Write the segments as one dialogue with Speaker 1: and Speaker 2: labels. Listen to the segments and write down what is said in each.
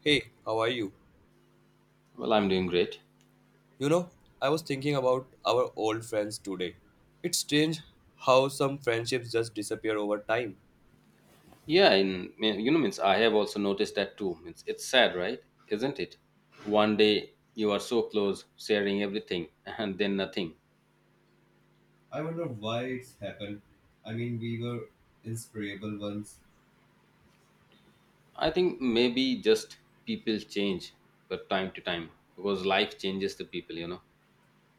Speaker 1: Hey, how are you?
Speaker 2: Well, I'm doing great.
Speaker 1: You know, I was thinking about our old friends today. It's strange how some friendships just disappear over time.
Speaker 2: Yeah, in me- you know, means I have also noticed that too. Means it's sad, right? Isn't it? One day you are so close, sharing everything, and then nothing.
Speaker 1: Happened. We were inseparable once,
Speaker 2: I think maybe just people change from time to time because life changes the people. You know.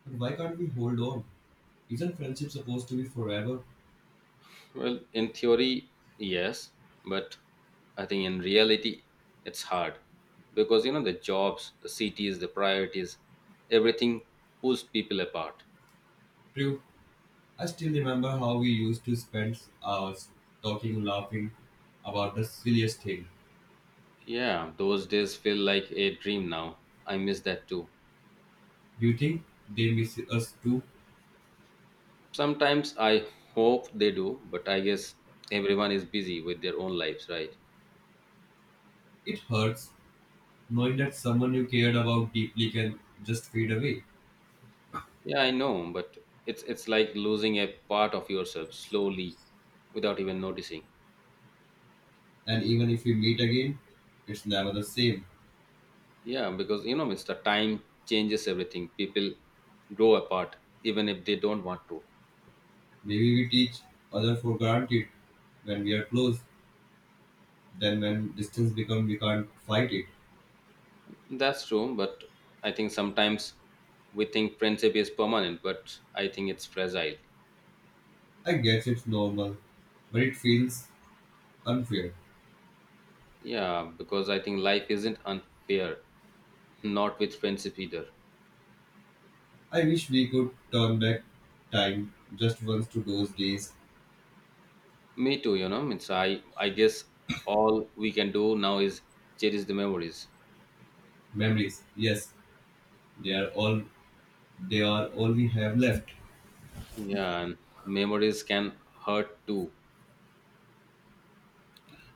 Speaker 1: but why can't we hold on? Isn't friendship supposed to be forever?
Speaker 2: Well, in theory, yes, but I think in reality, it's hard because the jobs, the cities, the priorities, everything pulls people apart.
Speaker 1: True. I still remember how we used to spend hours talking, laughing about the silliest thing.
Speaker 2: Yeah, those days feel like a dream now. I miss that too.
Speaker 1: Do you think they miss us too?
Speaker 2: Sometimes I hope they do, but I guess everyone is busy with their own lives, right?
Speaker 1: It hurts knowing that someone you cared about deeply can just fade away.
Speaker 2: Yeah, I know, but it's like losing a part of yourself slowly without even noticing.
Speaker 1: And even if we meet again, it's never the same.
Speaker 2: Yeah, because Mr. Time changes everything. People grow apart even if they don't want to.
Speaker 1: Maybe we teach other for granted when we are close, then when distance becomes, we can't fight it.
Speaker 2: That's true, but I think sometimes we think friendship is permanent, but I think it's fragile.
Speaker 1: I guess it's normal, but it feels unfair.
Speaker 2: Yeah, because I think life isn't unfair, not with friendship either.
Speaker 1: I wish we could turn back time just once to those days.
Speaker 2: Me too, you know. Means I guess all we can do now is cherish the memories.
Speaker 1: Memories, yes, they are all they are all we have left.
Speaker 2: Yeah, and memories can hurt too.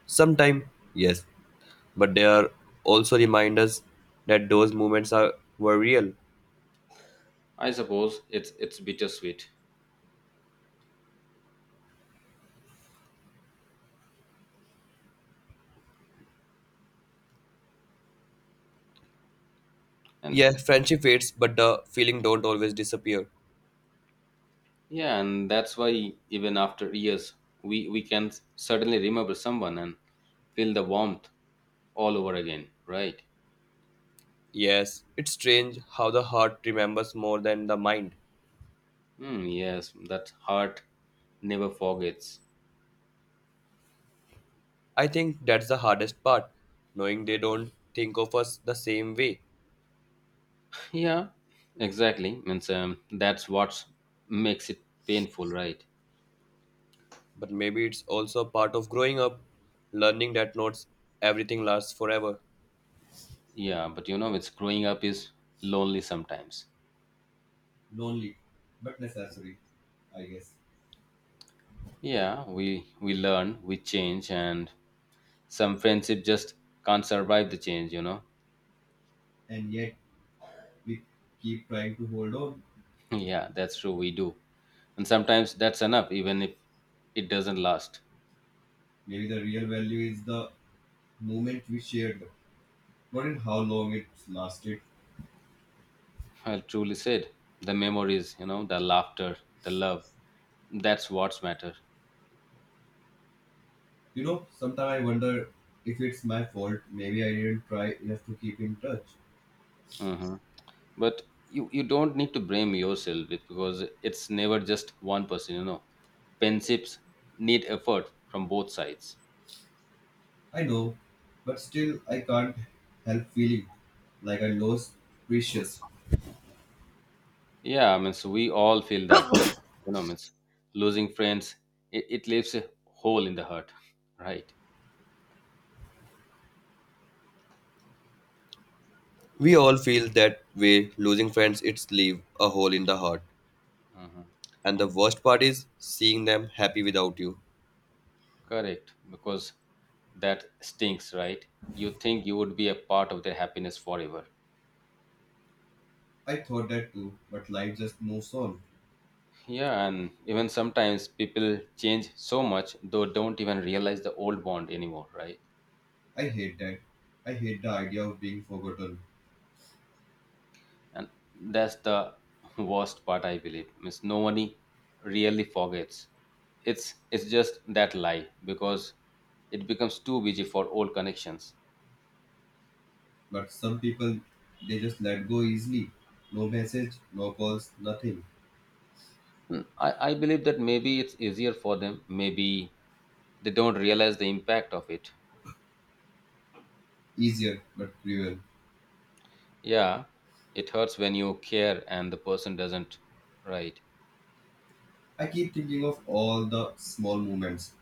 Speaker 1: Sometime, yes, but they are also reminders that those moments are were real.
Speaker 2: I suppose it's bittersweet, and
Speaker 1: Yeah, friendship fades, but the feeling don't always disappear.
Speaker 2: yeah, and that's why even after years, we can suddenly remember someone and feel the warmth all over again, right?
Speaker 1: Yes, it's strange how the heart remembers more than the mind.
Speaker 2: Hmm. yes, that heart never forgets.
Speaker 1: I think that's the hardest part, knowing they don't think of us the same way.
Speaker 2: Yeah, exactly. Means that's what makes it painful, right?
Speaker 1: But maybe it's also a part of growing up, learning that not everything lasts forever.
Speaker 2: Yeah, but it's growing up is lonely sometimes.
Speaker 1: Lonely, but necessary, I guess.
Speaker 2: Yeah, we learn, we change, and some friendship just can't survive the change. You know.
Speaker 1: And yet, we keep trying to hold on.
Speaker 2: yeah, that's true. We do, and sometimes that's enough, even if it doesn't last.
Speaker 1: Maybe the real value is the moment we shared, not in how long it lasted.
Speaker 2: Well, truly said. The memories, the laughter, the love. That's what's matter.
Speaker 1: You know, sometimes I wonder if it's my fault. Maybe I didn't try enough to keep in touch.
Speaker 2: hmm but you don't need to blame yourself because it's never just one person, friendships need effort from both sides.
Speaker 1: I know, but still, I can't help feeling like I lost precious.
Speaker 2: Yeah, I mean, so we all feel that way, means losing friends, it leaves a hole in the heart, right.
Speaker 1: We
Speaker 2: Yeah.
Speaker 1: all feel that way losing friends it's leave a hole in the heart,
Speaker 2: hmm
Speaker 1: and the worst part is seeing them happy without you.
Speaker 2: Correct, because that stinks, right? You think you would be a part of their happiness forever.
Speaker 1: I thought that too, but life just moves on.
Speaker 2: Yeah, and even sometimes people change so much though don't even realize the old bond anymore, right?
Speaker 1: I hate that. I hate the idea of being forgotten.
Speaker 2: And that's the worst part, I believe, means nobody really forgets. It's just that lie because it becomes too busy for old connections.
Speaker 1: But some people, they just let go easily. No message, no calls, nothing.
Speaker 2: I believe that maybe it's easier for them. Maybe they don't realize the impact of it.
Speaker 1: Easier but cruel.
Speaker 2: Yeah, it hurts when you care and the person doesn't, right?
Speaker 1: I keep thinking of all the small moments,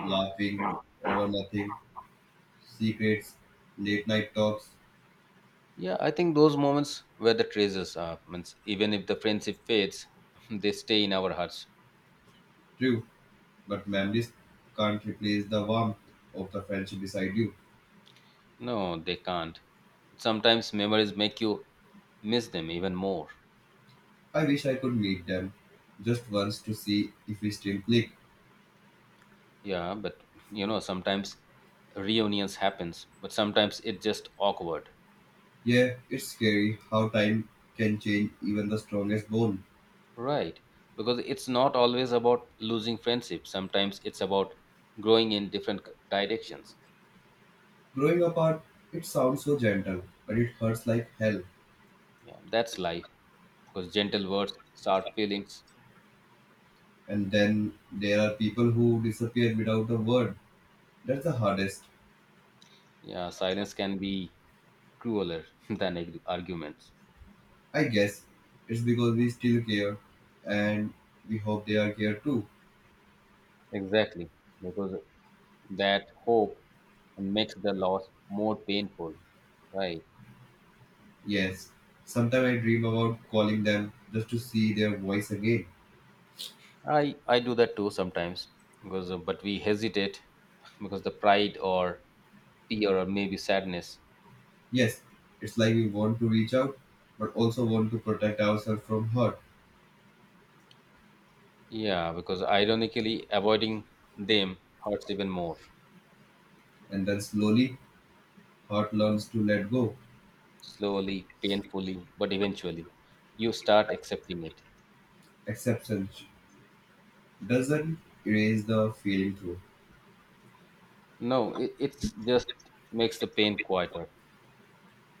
Speaker 1: laughing over nothing, secrets, late night talks.
Speaker 2: Yeah, I think those moments were the treasures, are means even if the friendship fades, they stay in our hearts.
Speaker 1: True, but memories can't replace the warmth of the friendship beside you.
Speaker 2: No, they can't. Sometimes memories make you miss them even more.
Speaker 1: I wish I could meet them just once to see if we still click.
Speaker 2: Yeah, but sometimes reunions happens, but sometimes it's just awkward.
Speaker 1: Yeah, it's scary how time can change even the strongest bond.
Speaker 2: Right. Because it's not always about losing friendship. Sometimes it's about growing in different directions.
Speaker 1: Growing apart, it sounds so gentle, but it hurts like hell.
Speaker 2: Yeah, that's life. Because gentle words, sharp feelings.
Speaker 1: And then there are people who disappear without a word. That's the hardest.
Speaker 2: Yeah, silence can be crueler than arguments.
Speaker 1: I guess it's because we still care, and we hope they are care too.
Speaker 2: Exactly. Because that hope and makes the loss more painful, right?
Speaker 1: Yes, sometimes I dream about calling them just to see their voice again.
Speaker 2: I do that too sometimes because but we hesitate because the pride or fear or maybe sadness.
Speaker 1: Yes, it's like we want to reach out but also want to protect ourselves from hurt.
Speaker 2: Yeah, because ironically avoiding them hurts even more.
Speaker 1: And then slowly, hurt learns to let go.
Speaker 2: Slowly, painfully, but eventually you start accepting it.
Speaker 1: Acceptance doesn't erase the feeling through.
Speaker 2: No, it's just makes the pain quieter.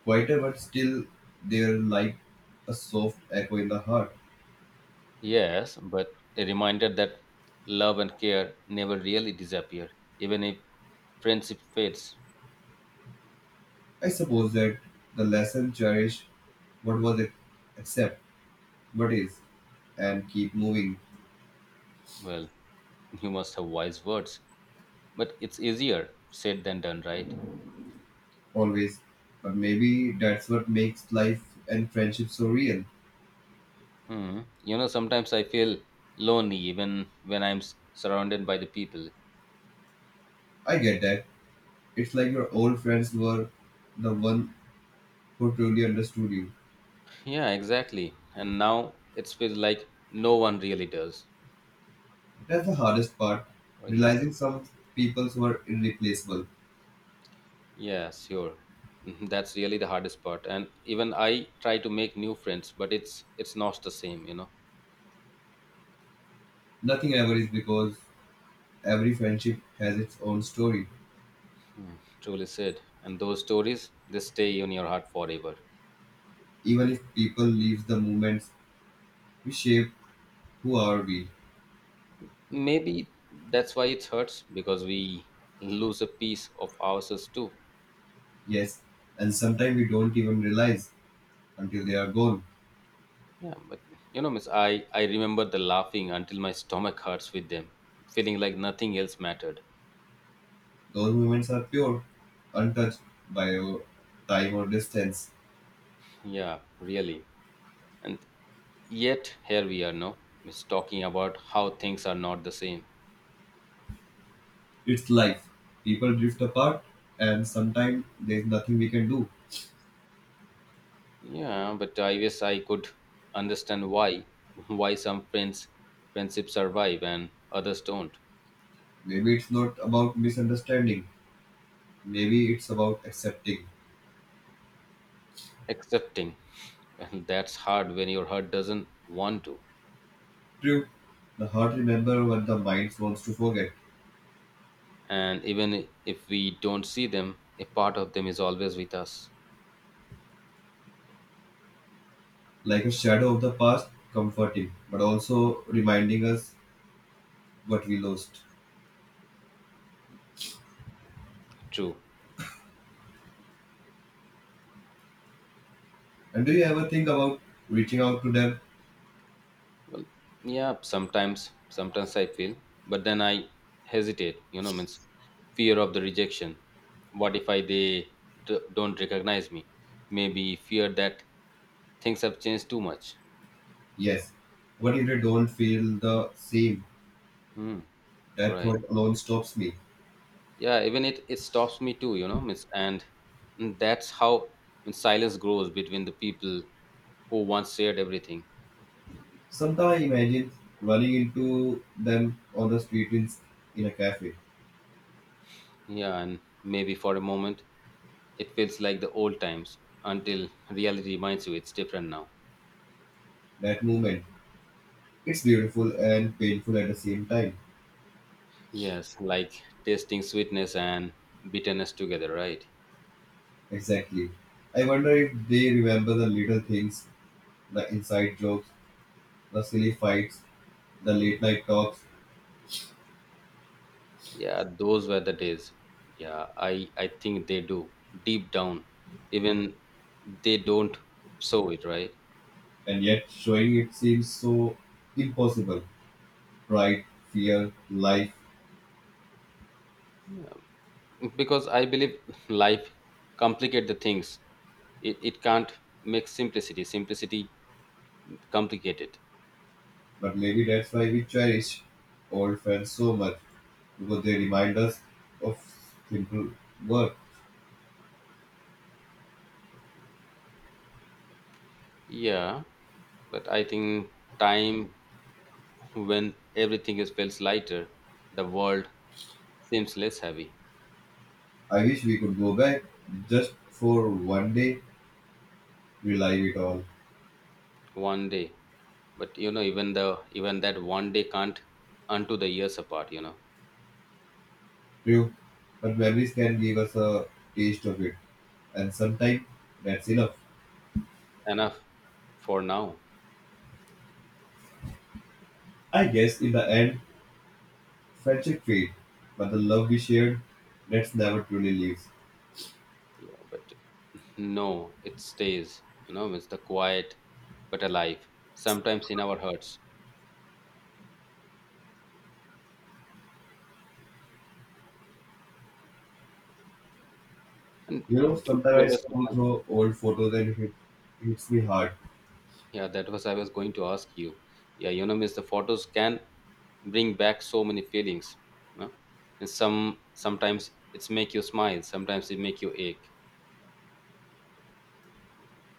Speaker 1: Quieter but still there like a soft echo in the heart.
Speaker 2: Yes, but a reminder that love and care never really disappear, even if friendship fades.
Speaker 1: I suppose that the lesson cherish what was it, accept what is, and keep moving
Speaker 2: Well, you must have wise words, but it's easier said than done, right?
Speaker 1: always. But maybe that's what makes life and friendship so real.
Speaker 2: Hmm. Sometimes I feel lonely even when I'm surrounded by the people.
Speaker 1: I get that. It's like your old friends were the one who truly understood you.
Speaker 2: Yeah, exactly. And now it feels like no one really does.
Speaker 1: That's the hardest part,
Speaker 2: Oh, yes.
Speaker 1: realizing some people were irreplaceable.
Speaker 2: Yeah, sure. Mhm, that's really the hardest part. And even I try to make new friends, but it's not the same.
Speaker 1: Nothing ever is because every friendship has its own story.
Speaker 2: Hmm, truly said. And those stories, they stay in your heart forever.
Speaker 1: Even if people leave the moments, we shape who are we.
Speaker 2: Maybe that's why it hurts because we lose a piece of ourselves too.
Speaker 1: Yes, and sometimes we don't even realize until they are gone.
Speaker 2: Yeah, but miss I remember the laughing until my stomach hurts with them, feeling like nothing else mattered.
Speaker 1: Those moments are pure, untouched by your time or distance.
Speaker 2: Yeah, really. And yet here we are now, miss talking about how things are not the same.
Speaker 1: It's life. People drift apart, and sometimes there's nothing we can do.
Speaker 2: Yeah, but I guess I could understand why some friendships survive and others don't.
Speaker 1: Maybe it's not about misunderstanding, maybe it's about accepting.
Speaker 2: Accepting. And that's hard when your heart doesn't want to.
Speaker 1: True, the heart remembers what the mind wants to forget,
Speaker 2: And even if we don't see them, a part of them is always with us.
Speaker 1: like a shadow of the past, comforting, but also reminding us what we lost.
Speaker 2: True.
Speaker 1: And do you ever think about reaching out to them?
Speaker 2: Well, yeah, sometimes I feel, but then I hesitate, means fear of the rejection. What if I they don't recognize me. Maybe fear that things have changed too much.
Speaker 1: Yes. What if I don't feel the same?
Speaker 2: Hmm.
Speaker 1: That
Speaker 2: Right,
Speaker 1: thought alone stops me.
Speaker 2: yeah, even it stops me too, means. And that's how, when silence grows between the people who once shared everything.
Speaker 1: Sometimes I imagine running into them on the street in a cafe.
Speaker 2: Yeah, and maybe for a moment it feels like the old times until reality reminds you it's different now.
Speaker 1: That moment. It's beautiful and painful at the same time.
Speaker 2: Yes, like tasting sweetness and bitterness together, right?
Speaker 1: Exactly. I wonder if they remember the little things, the inside jokes, the silly fights, the late night talks,
Speaker 2: Yeah, those were the days. Yeah, I think they do deep down, even they don't show it, right?
Speaker 1: and yet showing it seems so impossible. Pride, fear, life.
Speaker 2: Yeah, because I believe life complicate the things. It can't make simplicity complicated.
Speaker 1: But maybe that's why we cherish old friends so much because they remind us of simple work.
Speaker 2: Yeah, but I think time. When everything is feels lighter, the world seems less heavy.
Speaker 1: I wish we could go back just for one day, relive it all.
Speaker 2: One day, but even the even that one day can't unto the years apart. You know.
Speaker 1: True, but memories can give us a taste of it, and sometimes that's enough.
Speaker 2: Enough for now.
Speaker 1: I guess in the end, friendship fades, but the love we shared, that's never truly leaves.
Speaker 2: Yeah, but no, it stays. It's the quiet but alive. Sometimes in our hearts. And
Speaker 1: You know,
Speaker 2: do
Speaker 1: sometimes
Speaker 2: you
Speaker 1: I
Speaker 2: ever?
Speaker 1: scroll through old photos and it hits me
Speaker 2: Mhm.
Speaker 1: hard.
Speaker 2: Yeah, that was I was going to ask you. Yeah, miss the photos can bring back so many feelings, no? And sometimes it's make you smile, sometimes it make you ache.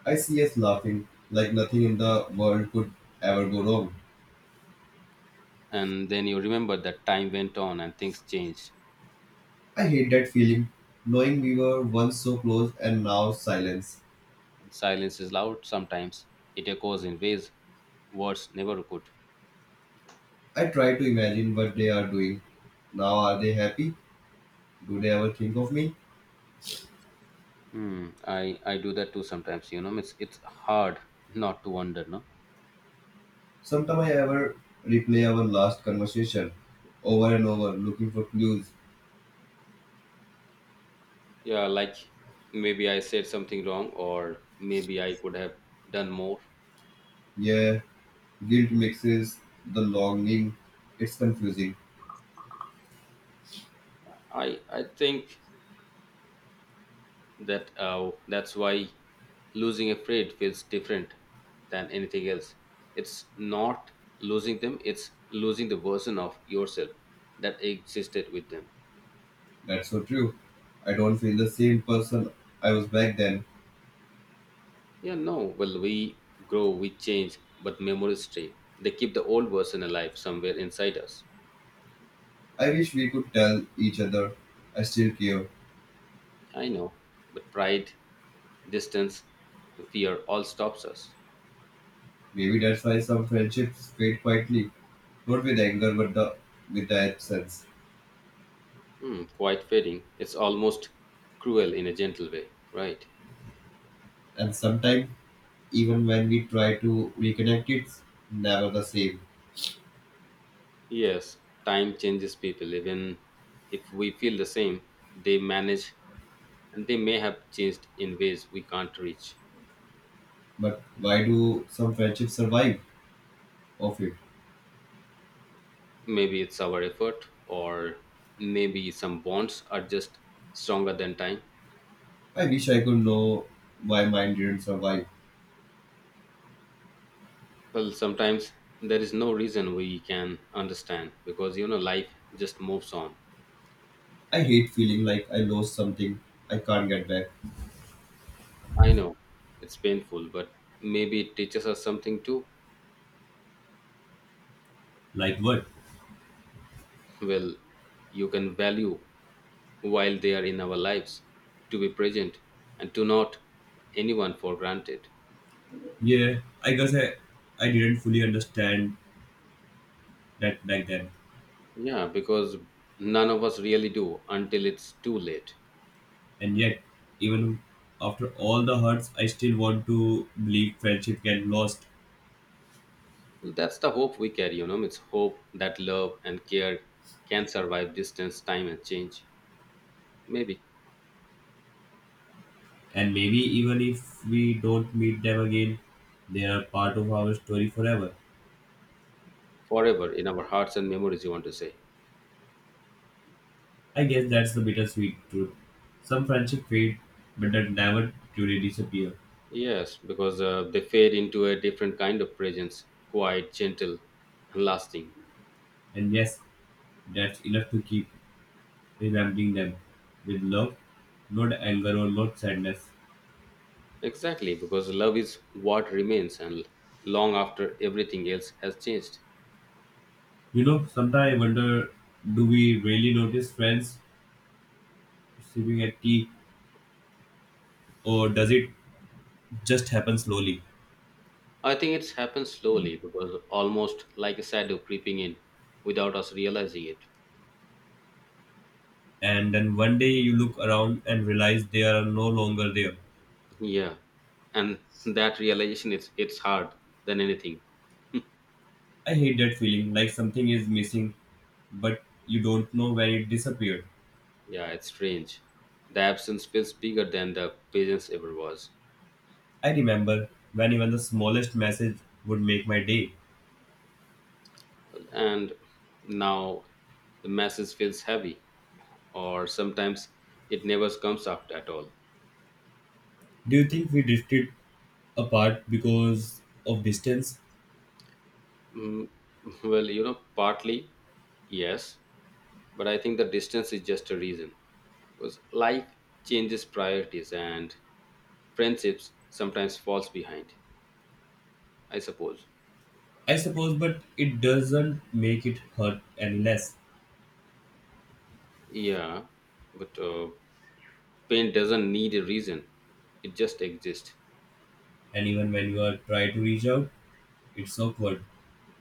Speaker 1: I see us laughing like nothing in the world could ever go wrong.
Speaker 2: And then you remember that time went on and things changed.
Speaker 1: I hate that feeling, knowing we were once so close and now silence.
Speaker 2: And silence is loud sometimes, it echoes in ways words never could.
Speaker 1: I try to imagine what they are doing. Now are they happy? Do they ever think of me?
Speaker 2: Hmm. I do that too sometimes, it's hard not to wonder, no.
Speaker 1: Sometimes I ever replay our last conversation over and over, looking for clues.
Speaker 2: Yeah, like maybe I said something wrong, or maybe I could have done more.
Speaker 1: Yeah, guilt mixes the longing. It's confusing.
Speaker 2: I think that's why losing a friend feels different than anything else. It's not losing them, it's losing the version of yourself that existed with them.
Speaker 1: That's so true. I don't feel the same person I was back then.
Speaker 2: Yeah, no, well, we grow, we change, but memories stay. They keep the old version alive somewhere inside us.
Speaker 1: I wish we could tell each other I still care.
Speaker 2: I know, but pride, distance, and fear all stops us.
Speaker 1: Maybe that's why some friendships fade quietly, not with anger, but the with the absence.
Speaker 2: Quite fading, it's almost cruel in a gentle way, right?
Speaker 1: And sometimes, even when we try to reconnect, it's never the same.
Speaker 2: Yes, time changes people. Even if we feel the same, they manage and they may have changed in ways we can't reach.
Speaker 1: But why do some friendships survive of it?
Speaker 2: Maybe it's our effort, or maybe some bonds are just stronger than time.
Speaker 1: I wish I could know why mine didn't survive.
Speaker 2: Well, sometimes there is no reason we can understand, because life just moves on.
Speaker 1: I hate feeling like I lost something I can't get back.
Speaker 2: I know it's painful, but maybe it teaches us something too.
Speaker 1: Like what?
Speaker 2: Well, you can value while they are in our lives, to be present and to not anyone for granted.
Speaker 1: Yeah, I guess I didn't fully understand that back then.
Speaker 2: Yeah, because none of us really do until it's too late.
Speaker 1: And yet, even after all the hurts, I still want to believe friendship can last.
Speaker 2: That's the hope we carry, it's hope that love and care can survive distance, time, and change. Maybe
Speaker 1: And maybe even if we don't meet them again, they are part of our story forever.
Speaker 2: forever in our hearts and memories, you want to say. Yes, because they fade into a different kind of presence, quiet, gentle, and lasting. Exactly, because love is what remains, and long after everything else has changed.
Speaker 1: You know, sometimes I wonder do we really notice friends sipping at tea or does it just happen slowly?
Speaker 2: I think it's happened slowly, because almost like a shadow creeping in without us realizing it.
Speaker 1: And then one day you look around and realize they are no longer there.
Speaker 2: Yeah. And that realization, it's hard than anything.
Speaker 1: I hate that feeling like something is missing, but you don't know when it disappeared.
Speaker 2: Yeah, it's strange. The absence feels bigger than the presence ever was.
Speaker 1: I remember when even the smallest message would make my day.
Speaker 2: And now the message feels heavy, or sometimes it never comes after at all.
Speaker 1: Do you think we drifted apart because of distance?
Speaker 2: Mm, well, partly, yes, but I think the distance is just a reason. Because life changes priorities and friendships sometimes falls behind, I suppose.
Speaker 1: I suppose, but it doesn't make it hurt any less.
Speaker 2: Yeah, but pain doesn't need a reason. It just exists.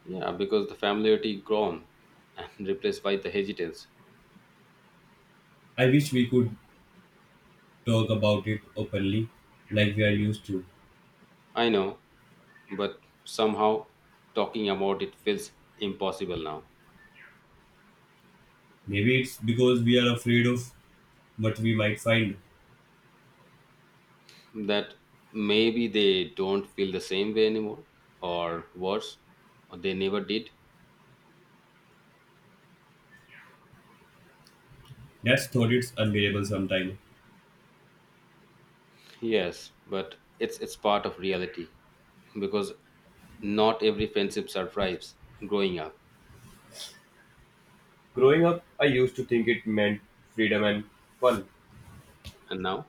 Speaker 2: Yeah, because the familiarity gone and replaced by the hesitance.
Speaker 1: Really, like you,
Speaker 2: I know, but somehow talking about it feels impossible now.
Speaker 1: what we might find.
Speaker 2: That maybe they don't feel the same way anymore, or worse, or they never did.
Speaker 1: That's thought it's unbearable sometimes.
Speaker 2: Yes, but it's part of reality because not every friendship survives growing up.
Speaker 1: Growing up, I used to think it meant freedom and fun.
Speaker 2: And now.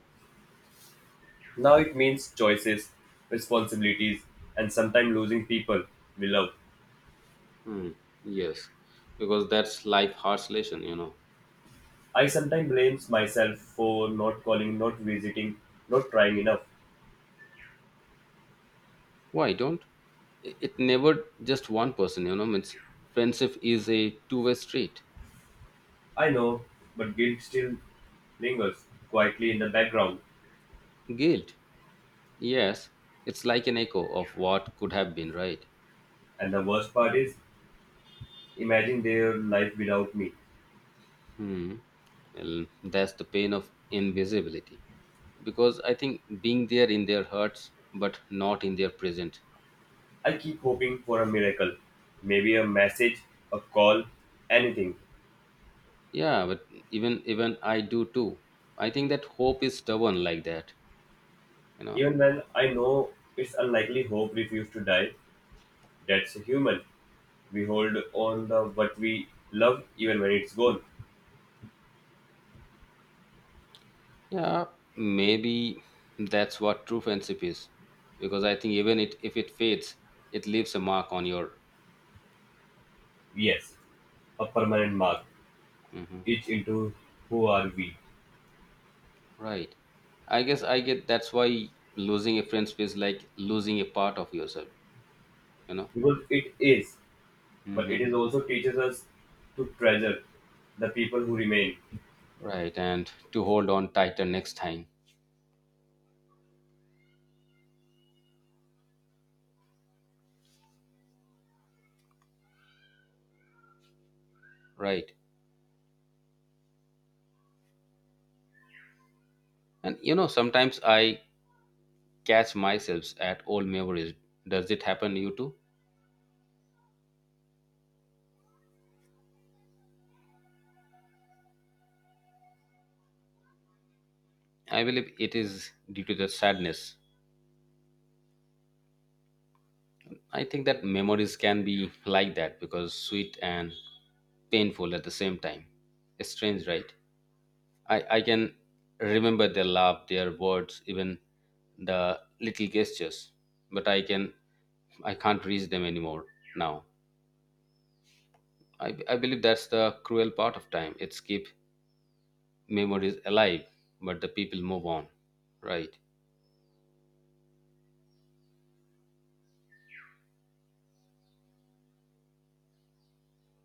Speaker 1: Now it means choices, responsibilities, and sometimes losing people we love.
Speaker 2: hmm, yes, because that's life harsh lesson.
Speaker 1: I sometimes blame myself for not calling, not visiting, not trying enough.
Speaker 2: Why don't it never just one person, means friendship is a two-way street.
Speaker 1: I know, but still lingers quite around,
Speaker 2: Guilt, yes, it's like an echo of what could have been, right?
Speaker 1: and the place imagine me.
Speaker 2: hmm Well, that's the pain of invisibility. Because I think being there in their hearts, but not in their present.
Speaker 1: I keep hoping for a miracle, maybe a message, a call, anything.
Speaker 2: Yeah, but even I do too. I think that hope is stubborn like that. You know.
Speaker 1: Even when I know it's unlikely, hope refuses to die. That's human. We hold on the what we love even when it's gone.
Speaker 2: Yeah, maybe that's what true friendship is. Because I think even it if it fades, it leaves a mark on your.
Speaker 1: Yes, a permanent mark.
Speaker 2: Mhm.
Speaker 1: Each into who are we?
Speaker 2: Right. I guess I get that's why losing a friend feels like losing a part of yourself. You know.
Speaker 1: Because it is, but it
Speaker 2: Mhm.
Speaker 1: is also teaches us to treasure the people who remain.
Speaker 2: Right, and to hold on tighter next time. Right. And sometimes I catch myself at old memories. Does it happen to you too? I believe it is due to the sadness. I think that memories can be like that, because sweet and painful at the same time. It's strange, right? I can remember their love, their words, even the little gestures, but I can't reach them anymore now. I believe that's the cruel part of time. It's keep memories alive, but the people move on, right.